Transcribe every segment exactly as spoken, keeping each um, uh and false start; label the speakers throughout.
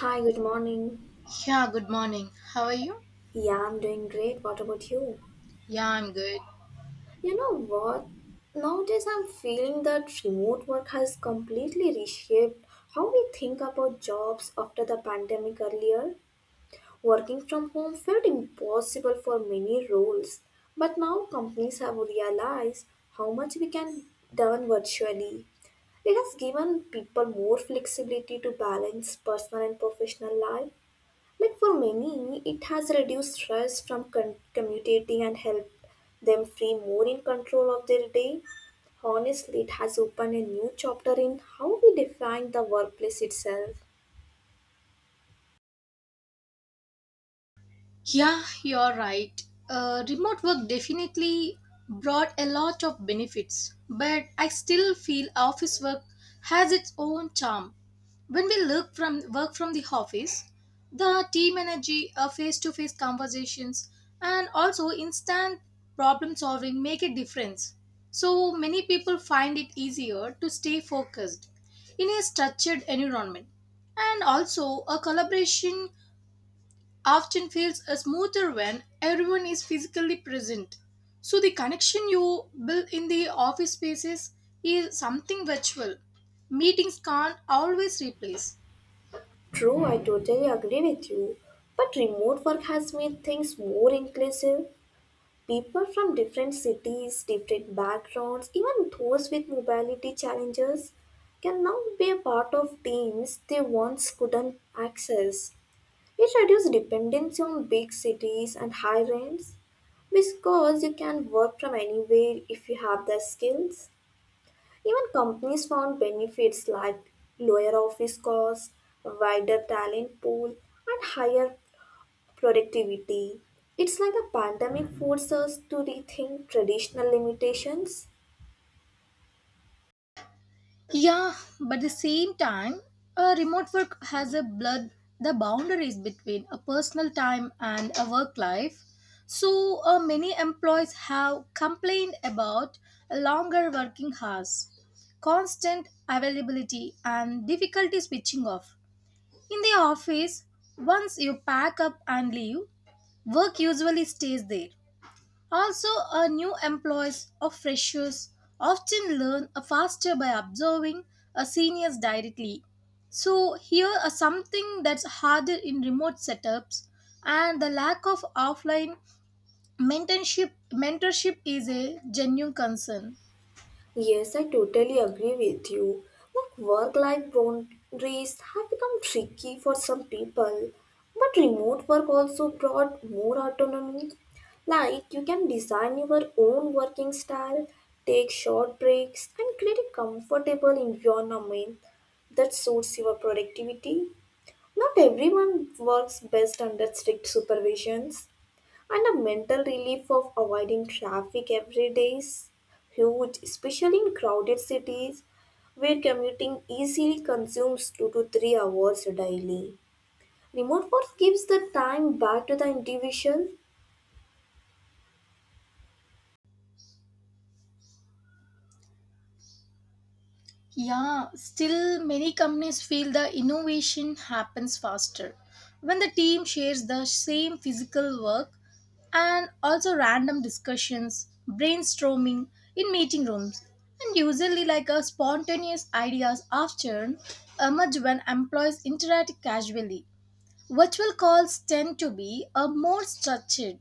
Speaker 1: Hi, good morning.
Speaker 2: Yeah, good morning. How are you?
Speaker 1: Yeah, I'm doing great. What about you?
Speaker 2: Yeah, I'm good.
Speaker 1: You know what? Nowadays, I'm feeling that remote work has completely reshaped how we think about jobs after the pandemic earlier. Working from home felt impossible for many roles, but now companies have realized how much we can done virtually. It has given people more flexibility to balance personal and professional life. Like for many, it has reduced stress from con- commutating and helped them feel more in control of their day. Honestly, it has opened a new chapter in how we define the workplace itself.
Speaker 2: Yeah, you're right. Uh, remote work definitely brought a lot of benefits, but I still feel office work has its own charm. When we look from work from the office, the team energy, face to face conversations, and also instant problem solving make a difference. So many people find it easier to stay focused in a structured environment. And also, a collaboration often feels uh, smoother when everyone is physically present. So the connection you build in the office spaces is something virtual. Meetings can't always replace.
Speaker 1: True, I totally agree with you. But remote work has made things more inclusive. People from different cities, different backgrounds, even those with mobility challenges can now be a part of teams they once couldn't access. It reduces dependency on big cities and high rents because you can work from anywhere if you have the skills. Even companies found benefits like lower office costs, wider talent pool, and higher productivity. It's like the pandemic forced us to rethink traditional limitations.
Speaker 2: Yeah, but at the same time, a remote work has a blurred the boundaries between a personal time and a work life. So uh, many employees have complained about longer working hours, constant availability, and difficulty switching off. In the office, once you pack up and leave, work usually stays there. Also, our new employees or freshers often learn a faster by observing a seniors directly. So here are something that's harder in remote setups and the lack of offline mentorship mentorship is a genuine concern.
Speaker 1: Yes, I totally agree with you. Like work-life boundaries have become tricky for some people, but remote work also brought more autonomy. Like you can design your own working style, take short breaks, and create a comfortable environment that suits your productivity. Not everyone works best under strict supervisions. And the mental relief of avoiding traffic every day is huge, especially in crowded cities where commuting easily consumes two to three hours daily. Remote work gives the time back to the individual.
Speaker 2: Yeah, still many companies feel the innovation happens faster when the team shares the same physical work and also random discussions, brainstorming in meeting rooms, and usually like a spontaneous ideas often emerge when employees interact casually. Virtual calls tend to be a more structured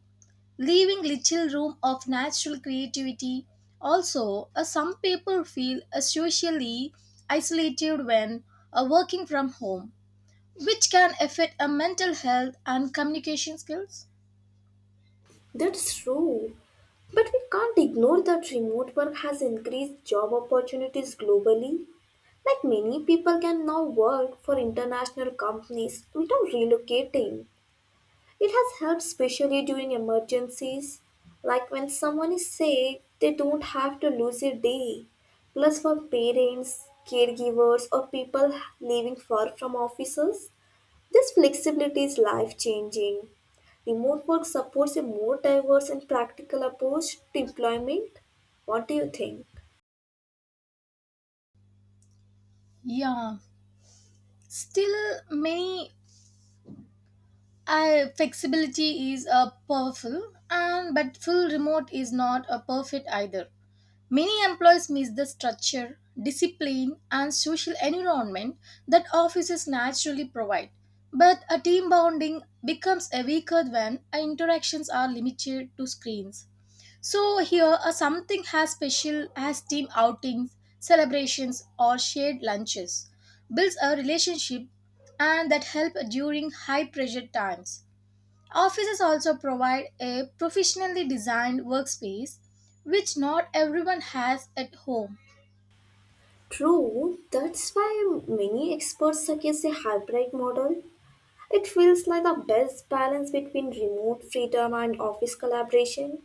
Speaker 2: leaving little room of natural creativity. Also, uh, some people feel uh, socially isolated when uh, working from home, which can affect uh, mental health and communication skills.
Speaker 1: That's true. But we can't ignore that remote work has increased job opportunities globally. Like many people can now work for international companies without relocating. It has helped especially during emergencies, like when someone is sick, they don't have to lose a day. Plus, for parents, caregivers, or people living far from offices, this flexibility is life changing. Remote work supports a more diverse and practical approach to employment. What do you think?
Speaker 2: Yeah, still many uh, flexibility is uh, powerful, and but full remote is not a perfect either. Many employees miss the structure, discipline, and social environment that offices naturally provide. But a team bonding becomes a weaker when interactions are limited to screens. So here, a something as special as team outings, celebrations, or shared lunches builds a relationship and that help during high pressure times. Offices also provide a professionally designed workspace, which not everyone has at home.
Speaker 1: True, that's why many experts suggest a hybrid model. It feels like the best balance between remote freedom and office collaboration.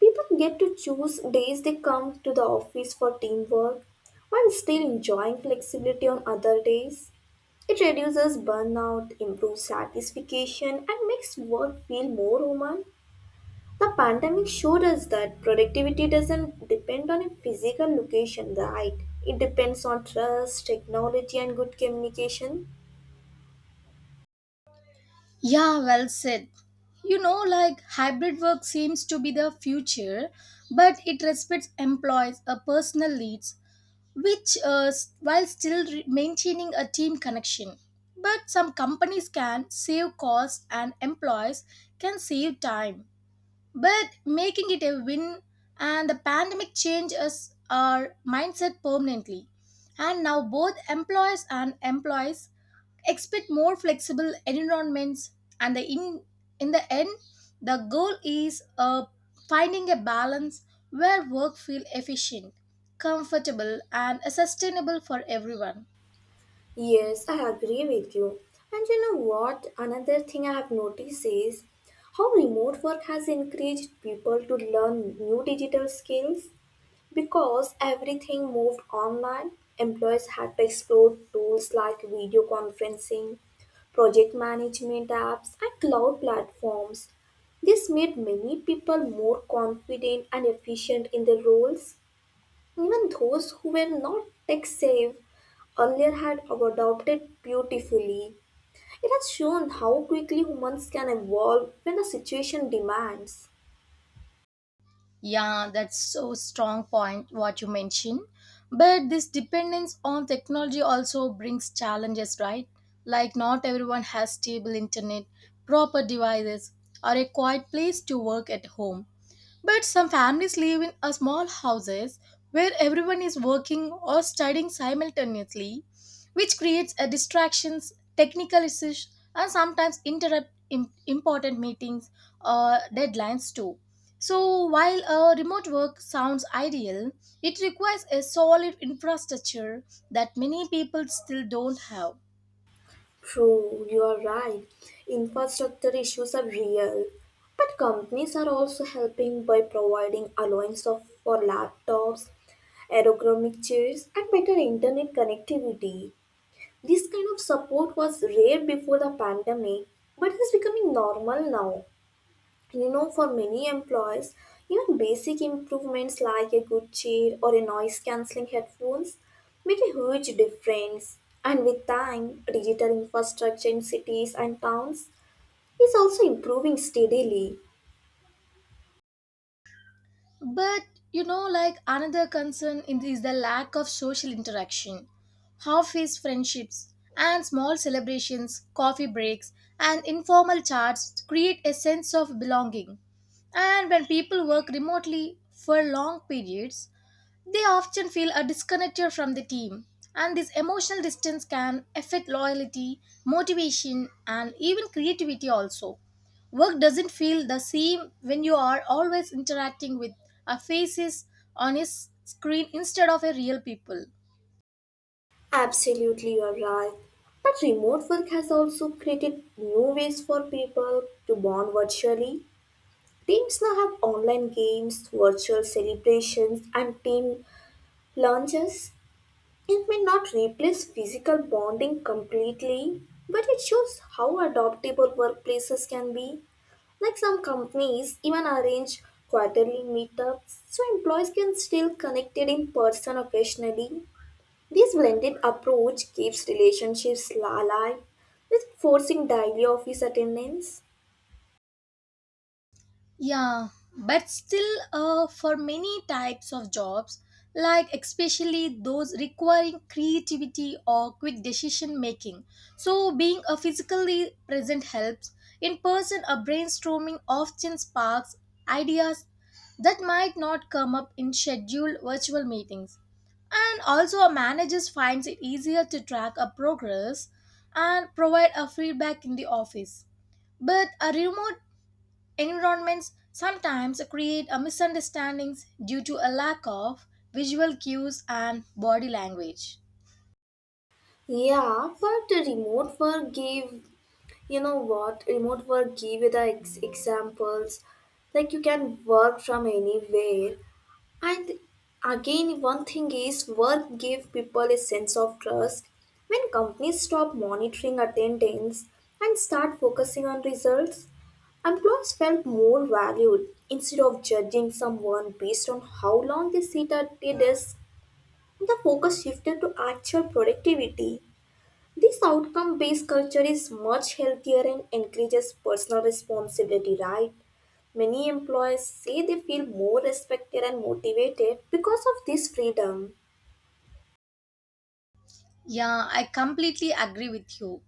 Speaker 1: People get to choose days they come to the office for teamwork while still enjoying flexibility on other days. It reduces burnout, improves satisfaction, and makes work feel more human. The pandemic showed us that productivity doesn't depend on a physical location, right? It depends on trust, technology, and good communication.
Speaker 2: Yeah, well said. You know, like hybrid work seems to be the future, but it respects employees' uh, personal needs, which uh, s- while still re- maintaining a team connection. But some companies can save costs and employees can save time, but making it a win. And the pandemic changed us our mindset permanently, and now both employers and employees expect more flexible environments, and the in in the end the goal is uh, finding a balance where work feel efficient, comfortable, and sustainable for everyone.
Speaker 1: Yes, I agree with you. And you know what? Another thing I have noticed is how remote work has encouraged people to learn new digital skills because everything moved online. Employees had to explore tools like video conferencing, project management apps, and cloud platforms. This made many people more confident and efficient in their roles. Even those who were not tech savvy earlier had adopted beautifully. It has shown how quickly humans can evolve when the situation demands.
Speaker 2: Yeah, that's so strong point what you mentioned. But this dependence on technology also brings challenges, right? Like not everyone has stable internet, proper devices, or a quiet place to work at home. But some families live in a small houses where everyone is working or studying simultaneously, which creates a distractions, technical issues, and sometimes interrupt im- important meetings or deadlines too. So while a remote work sounds ideal, it requires a solid infrastructure that many people still don't have.
Speaker 1: True, you are right. Infrastructure issues are real. But companies are also helping by providing allowance of, for laptops, ergonomic chairs, and better internet connectivity. This kind of support was rare before the pandemic, but it is becoming normal now. You know, for many employees, even basic improvements like a good chair or a noise cancelling headphones make a huge difference. And with time, digital infrastructure in cities and towns is also improving steadily.
Speaker 2: But you know, like another concern in- is the lack of social interaction. Office friendships and small celebrations, coffee breaks, and informal chats create a sense of belonging. And when people work remotely for long periods, they often feel a disconnected from the team, and this emotional distance can affect loyalty, motivation, and even creativity also. Work doesn't feel the same when you are always interacting with a faces on a s- screen instead of a real people.
Speaker 1: Absolutely, you are right. But remote work has also created new ways for people to bond virtually. Teams now have online games, virtual celebrations, and team lunches. It may not replace physical bonding completely, but it shows how adaptable workplaces can be. Like some companies even arrange quarterly meetups so employees can still connect in person occasionally. This blended approach keeps relationships alive with forcing daily office attendance.
Speaker 2: Yeah, but still, uh, for many types of jobs, like especially those requiring creativity or quick decision making, so being a physically present helps. In person, a brainstorming often sparks ideas that might not come up in scheduled virtual meetings. And also, a manager finds it easier to track a progress and provide a feedback in the office. But a remote environments sometimes create a misunderstandings due to a lack of visual cues and body language.
Speaker 1: Yeah, but the remote work give, you know what, remote work give you the ex- examples, like you can work from anywhere. And again, one thing is work give people a sense of trust. When companies stop monitoring attendance and start focusing on results, employees felt more valued. Instead of judging someone based on how long they sit at a desk, the focus shifted to actual productivity. This outcome based culture is much healthier and encourages personal responsibility, right? Many employers say they feel more respected and motivated because of this freedom.
Speaker 2: Yeah, I completely agree with you.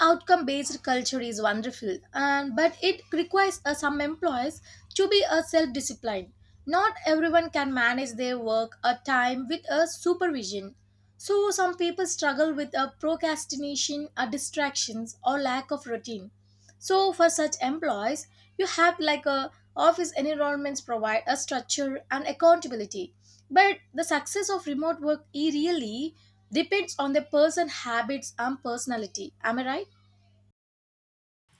Speaker 2: Outcome based culture is wonderful, and but it requires uh, some employees to be a self disciplined. Not everyone can manage their work or time with a supervision. So some people struggle with a procrastination, or distractions, or lack of routine. So for such employees, you have like a office environments provide a structure and accountability. But the success of remote work e- really depends on the person habits and personality. Am I right?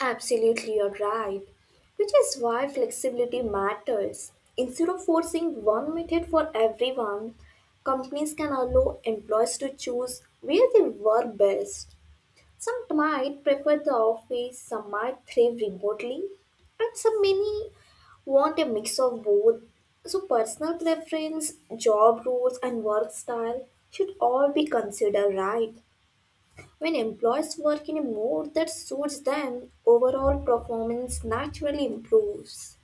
Speaker 1: Absolutely, you're right. Which is why flexibility matters. Instead of forcing one method for everyone, companies can allow employees to choose where they work best. Some might prefer the office, some might thrive remotely, and some many want a mix of both. So, personal preference, job roles, and work style should all be considered right. When employees work in a mode that suits them, overall performance naturally improves.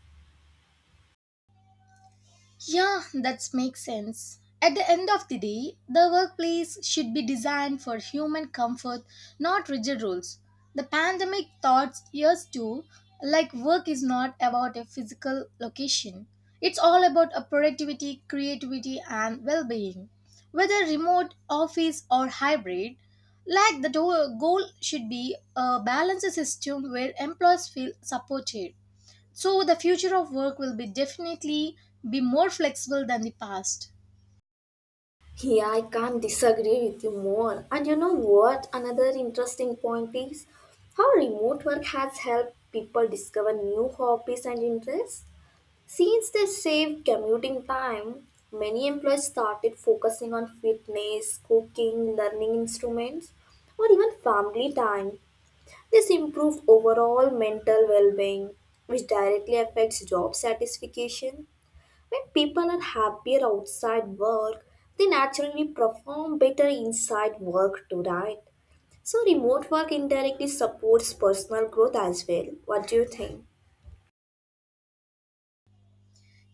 Speaker 2: Yeah, that makes sense. At the end of the day, the workplace should be designed for human comfort, not rigid rules. The pandemic taught us too, like work is not about a physical location. It's all about a productivity, creativity, and well-being. Whether remote, office, or hybrid, like the do- goal should be a balanced system where employees feel supported. So the future of work will be definitely be more flexible than the past.
Speaker 1: Yeah, I can't disagree with you more. And you know what? Another interesting point is how remote work has helped people discover new hobbies and interests. Since they saved commuting time, many employees started focusing on fitness, cooking, learning instruments, or even family time. This improves overall mental well being, which directly affects job satisfaction. When people are happier outside work, they naturally perform better inside work too, right? So, remote work indirectly supports personal growth as well. What do you think?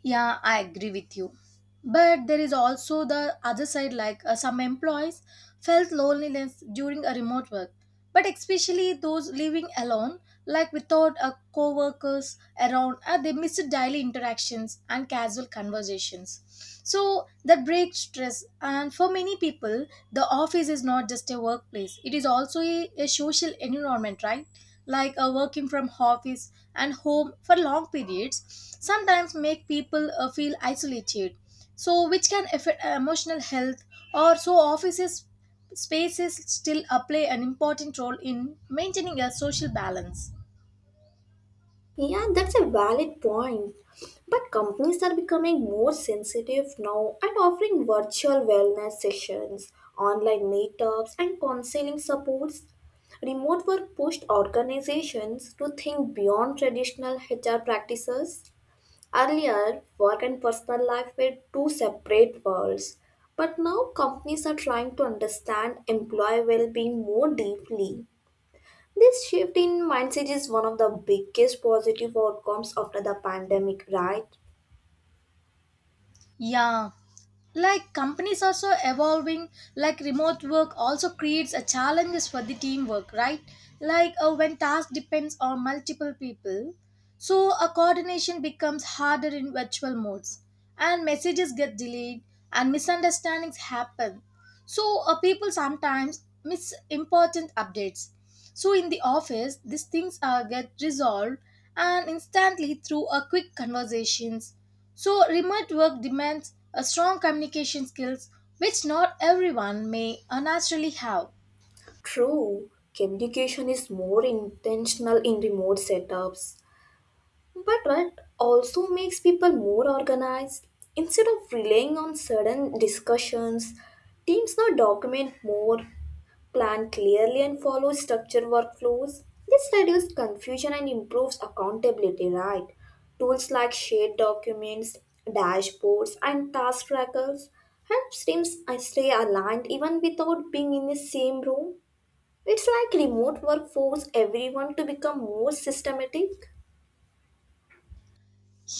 Speaker 2: Yeah, I agree with you. But there is also the other side, like uh, some employees felt loneliness during a remote work, but especially those living alone, like without a co-workers around, uh, they miss daily interactions and casual conversations. So that breaks stress. And for many people, the office is not just a workplace; it is also a, a social environment, right? Like uh, working from office and home for long periods sometimes make people uh, feel isolated, so which can affect uh, emotional health, or so offices spaces still uh, play an important role in maintaining a social balance.
Speaker 1: Yeah, that's a valid point. But companies are becoming more sensitive now and offering virtual wellness sessions, online meetups, and counseling supports. Remote work pushed organizations to think beyond traditional H R practices. Earlier, work and personal life were two separate worlds, but now companies are trying to understand employee well being more deeply. This shift in mindset is one of the biggest positive outcomes after the pandemic, right?
Speaker 2: Yeah, like companies also evolving, like remote work also creates a challenges for the teamwork, right? Like uh, when task depends on multiple people. So a coordination becomes harder in virtual modes, and messages get delayed, and misunderstandings happen. So uh, people sometimes miss important updates. So in the office these things are get resolved and instantly through a quick conversations. So remote work demands a strong communication skills, which not everyone may uh, naturally have.
Speaker 1: True, communication is more intentional in remote setups. But what also makes people more organized? Instead of relying on sudden discussions, teams now document more, plan clearly, and follow structured workflows. This reduces confusion and improves accountability, right? Tools like shared documents, dashboards, and task trackers help teams stay aligned even without being in the same room. It's like remote workforce everyone to become more systematic.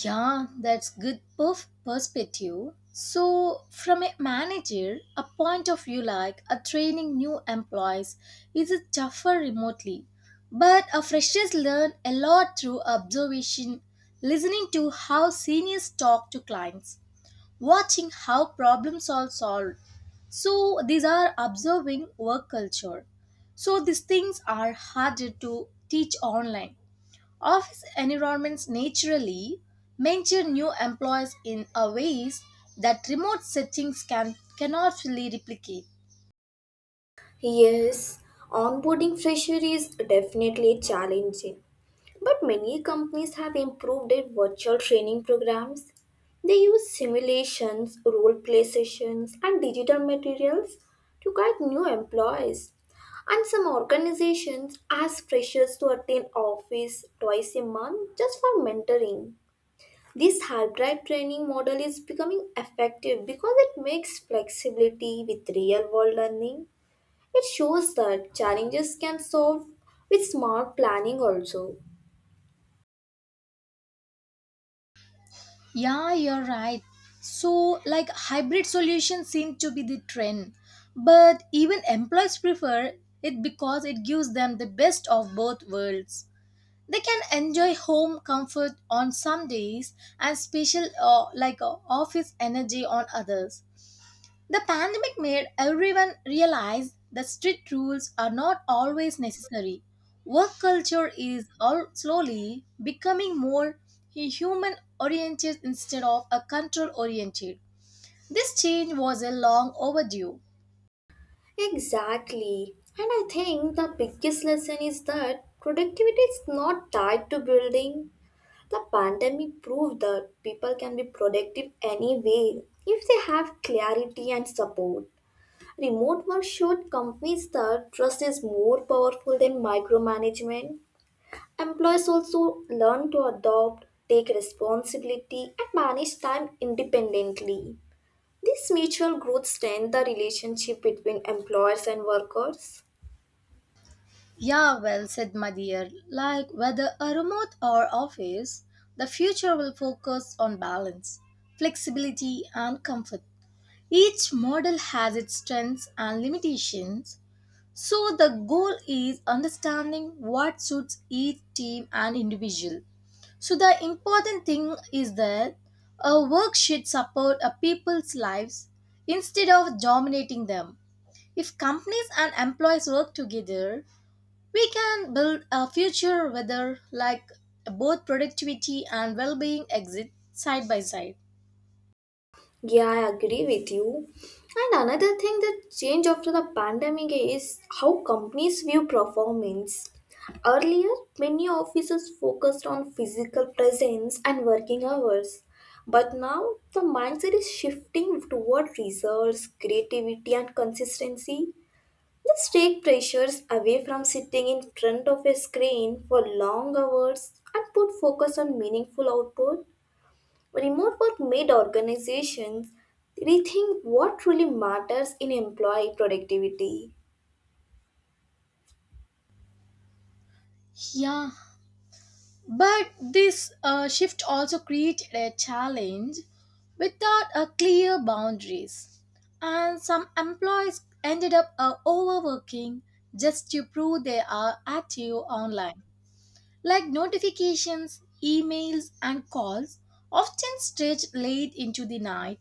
Speaker 2: Yeah, that's good perf- perspective. So, from a manager, a point of view like a training new employees is a tougher remotely, but a freshers learn a lot through observation, listening to how seniors talk to clients, watching how problems are solved. So, these are observing work culture. So, these things are harder to teach online. Office environments naturally mentor new employees in a ways that remote settings can cannot fully replicate.
Speaker 1: Yes, onboarding fresher is definitely challenging, but many companies have improved their virtual training programs. They use simulations, role play sessions, and digital materials to guide new employees. And some organizations ask freshers to attend office twice a month just for mentoring. This hybrid training model is becoming effective because it makes flexibility with real world learning. It shows that challenges can solve with smart planning also.
Speaker 2: Yeah, you're right. So, like hybrid solutions seem to be the trend, but even employees prefer it because it gives them the best of both worlds. They can enjoy home comfort on some days and special uh, like uh, office energy on others. The pandemic made everyone realize that strict rules are not always necessary. Work culture is all slowly becoming more human oriented instead of a control oriented. This change was a long overdue.
Speaker 1: Exactly. And I think the biggest lesson is that productivity is not tied to building. The pandemic proved that people can be productive anyway if they have clarity and support. Remote work showed companies that trust is more powerful than micromanagement. Employees also learn to adopt, take responsibility, and manage time independently. This mutual growth strengthens the relationship between employers and workers.
Speaker 2: Yeah, well said, my dear. Like whether a remote or office, the future will focus on balance, flexibility, and comfort. Each model has its strengths and limitations, so the goal is understanding what suits each team and individual. So the important thing is that a work should support a people's lives instead of dominating them. If companies and employees work together, we can build a future where like both productivity and well-being exist side by side.
Speaker 1: Yeah, I agree with you. And another thing that changed after the pandemic is how companies view performance. Earlier, many offices focused on physical presence and working hours. But now, the mindset is shifting toward results, creativity, and consistency. This take pressures away from sitting in front of a screen for long hours and put focus on meaningful output. Remote work made organizations rethink what truly matters in employee productivity.
Speaker 2: Yeah, but this uh, shift also created a challenge without a clear boundaries, and some employees ended up uh, overworking just to prove they are active online, like notifications, emails, and calls often stretch late into the night.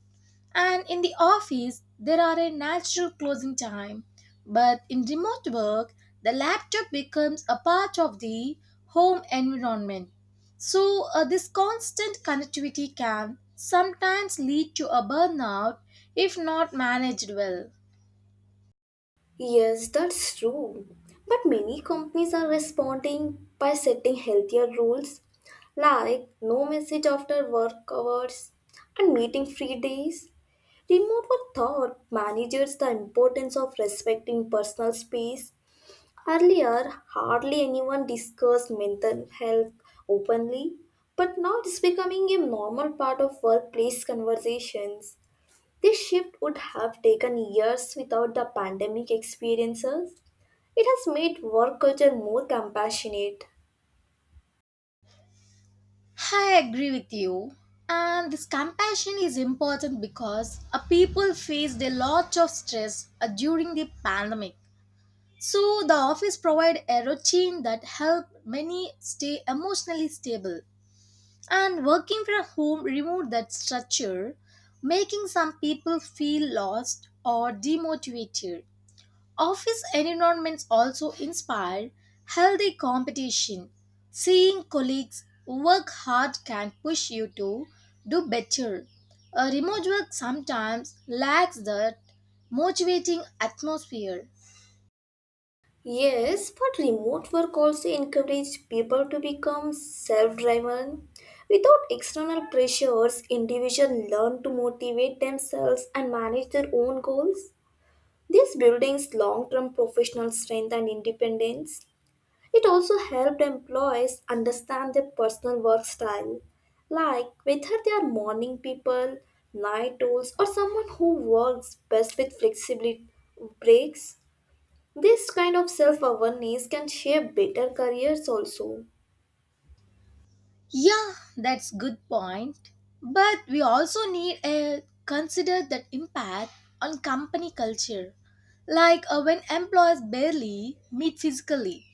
Speaker 2: And in the office, there are a natural closing time. But in remote work, the laptop becomes a part of the home environment. So, uh, this constant connectivity can sometimes lead to a burnout if not managed well.
Speaker 1: Yes, that's true. But many companies are responding by setting healthier rules like no message after work hours and meeting free days. Remote work taught managers the importance of respecting personal space. Earlier, hardly anyone discussed mental health openly, but now it's becoming a normal part of workplace conversations. This shift would have taken years without the pandemic experiences. It has made work culture more compassionate.
Speaker 2: I agree with you. And this compassion is important because uh, people faced a lot of stress uh, during the pandemic. So the office provide a routine that helped many stay emotionally stable. And working from home removed that structure, making some people feel lost or demotivated. Office environments also inspire healthy competition. Seeing colleagues work hard can push you to do better. A remote work sometimes lacks that motivating atmosphere.
Speaker 1: Yes, but remote work also encourages people to become self driven. Without external pressures, individuals learn to motivate themselves and manage their own goals. This building's long term professional strength and independence. It also helped employees understand their personal work style, like whether they are morning people, night owls, or someone who works best with flexibility breaks. This kind of self awareness can shape better careers also.
Speaker 2: Yeah, that's good point. But we also need a consider that impact on company culture. Like uh, when employees barely meet physically,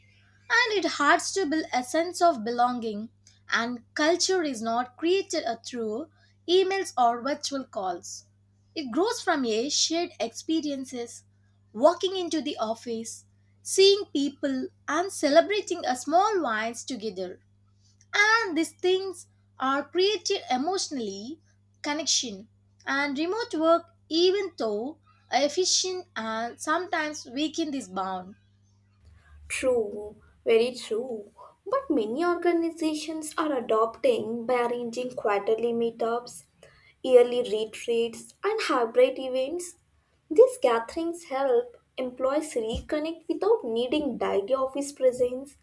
Speaker 2: and it hurts to build a sense of belonging, and culture is not created uh, through emails or virtual calls. It grows from a shared experiences, walking into the office, seeing people and celebrating a small wines together, and these things are created emotionally connection, and remote work even though efficient and sometimes weaken this bond.
Speaker 1: True, very true. But many organizations are adopting by arranging quarterly meetups, yearly retreats, and hybrid events. These gatherings help employees reconnect without needing daily office presence.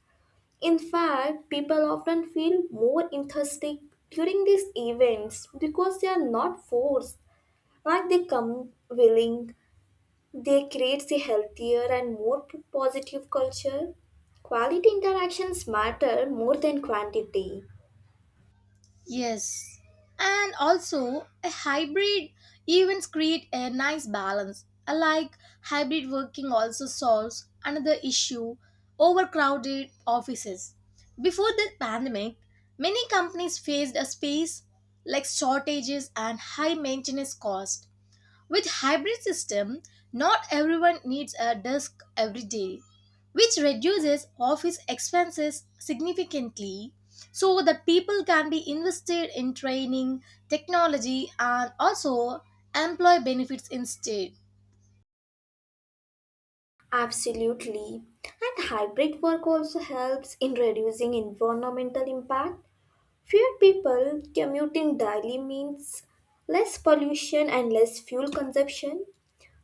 Speaker 1: In fact, people often feel more enthusiastic during these events because they are not forced. Like they come willing, they create a healthier and more positive culture. Quality interactions matter more than quantity.
Speaker 2: Yes. And also, a hybrid events create a nice balance. Like hybrid working also solves another issue, overcrowded offices. Before the pandemic, many companies faced a space like shortages and high maintenance cost. With hybrid system, not everyone needs a desk every day, which reduces office expenses significantly so that people can be invested in training, technology, and also employee benefits instead.
Speaker 1: Absolutely. And hybrid work also helps in reducing environmental impact. Fewer people commuting daily means less pollution and less fuel consumption.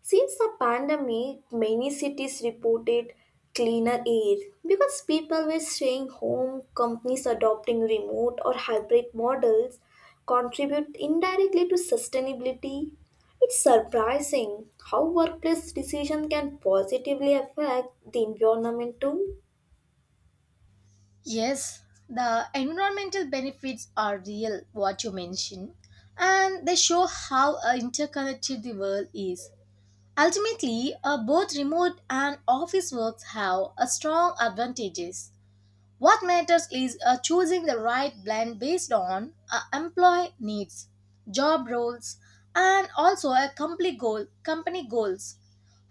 Speaker 1: Since the pandemic, many cities reported cleaner air because people were staying home, companies adopting remote or hybrid models contribute indirectly to sustainability. It's surprising how workplace decisions can positively affect the environment too.
Speaker 2: Yes, the environmental benefits are real what you mentioned, and they show how uh, interconnected the world is. Ultimately, uh, both remote and office works have a strong advantages. What matters is uh, choosing the right blend based on uh, employee needs, job roles, and also a company goal, company goals.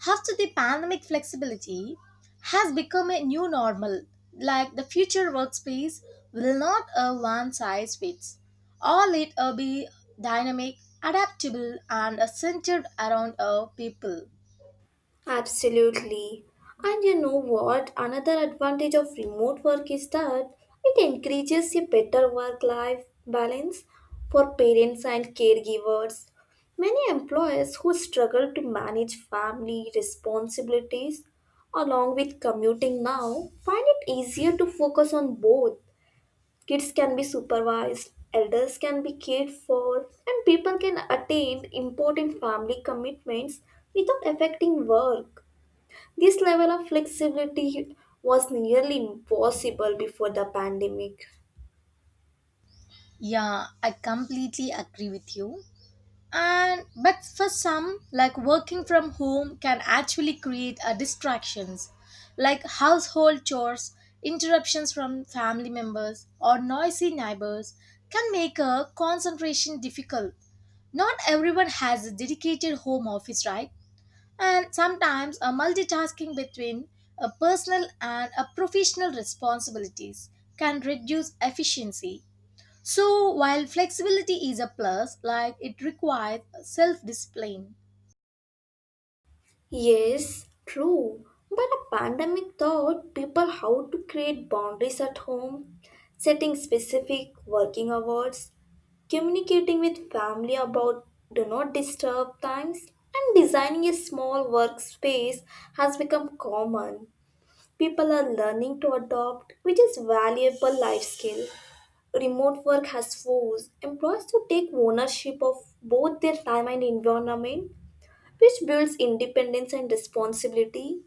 Speaker 2: After the pandemic, flexibility has become a new normal. Like the future workspace will not a one size fits all. It will be dynamic, adaptable, and uh, centered around our people.
Speaker 1: Absolutely. And you know what? Another advantage of remote work is that it encourages a better work life balance for parents and caregivers. Many employers who struggle to manage family responsibilities along with commuting now find it easier to focus on both. Kids can be supervised, elders can be cared for, and people can attain important family commitments without affecting work. This level of flexibility was nearly impossible before the pandemic.
Speaker 2: Yeah, I completely agree with you. And but for some, like working from home can actually create a distractions, like household chores, interruptions from family members or noisy neighbors can make a concentration difficult. Not everyone has a dedicated home office, right? And sometimes a multitasking between a personal and a professional responsibilities can reduce efficiency. So, while flexibility is a plus, like it requires self discipline.
Speaker 1: Yes, true. But a pandemic taught people how to create boundaries at home, setting specific working hours, communicating with family about do not disturb times, and designing a small workspace has become common. People are learning to adopt, which is valuable life skill. Remote work has forced employees to take ownership of both their time and environment, which builds independence and responsibility.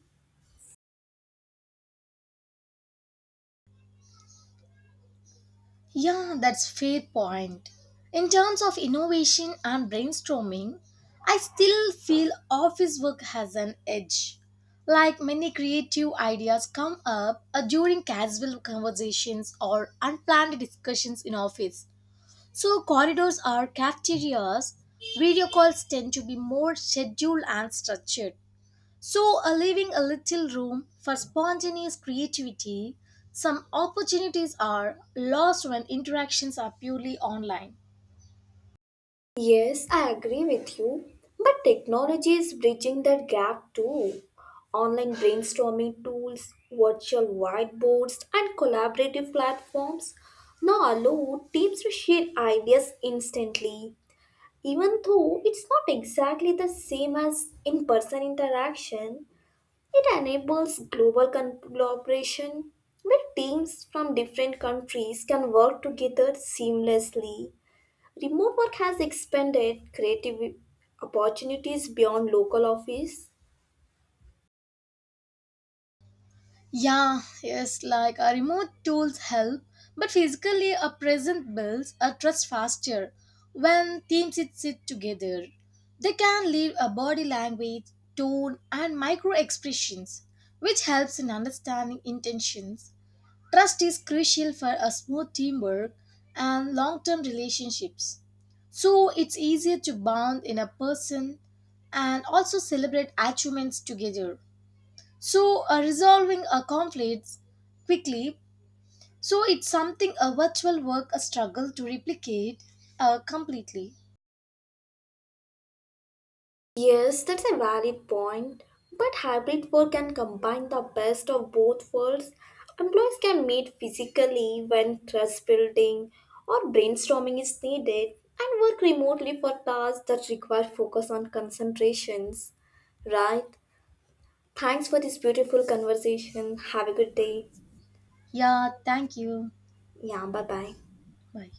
Speaker 2: Yeah, that's fair point. In terms of innovation and brainstorming, I still feel office work has an edge. Like many creative ideas come up uh, during casual conversations or unplanned discussions in office. So corridors are cafeterias. Video calls tend to be more scheduled and structured. So, uh, leaving a little room for spontaneous creativity, some opportunities are lost when interactions are purely online.
Speaker 1: Yes, I agree with you, but technology is bridging that gap too. Online brainstorming tools, virtual whiteboards, and collaborative platforms now allow teams to share ideas instantly. Even though it's not exactly the same as in person interaction, it enables global con- collaboration where teams from different countries can work together seamlessly. Remote work has expanded creative opportunities beyond local office.
Speaker 2: Yeah, yes, like uh, remote tools help, but physically a present builds a trust faster when teams sit, sit together. They can leave a body language, tone, and micro expressions, which helps in understanding intentions. Trust is crucial for a smooth teamwork and long term relationships. So it's easier to bond in a person and also celebrate achievements together. So uh, resolving a conflicts quickly. So it's something a virtual work a struggle to replicate uh, completely.
Speaker 1: Yes, that's a valid point. But hybrid work can combine the best of both worlds. Employees can meet physically when trust building or brainstorming is needed and work remotely for tasks that require focus on concentrations. Right? Thanks for this beautiful conversation. Have a good day.
Speaker 2: Yeah, thank you.
Speaker 1: Yeah, bye bye.
Speaker 2: Bye.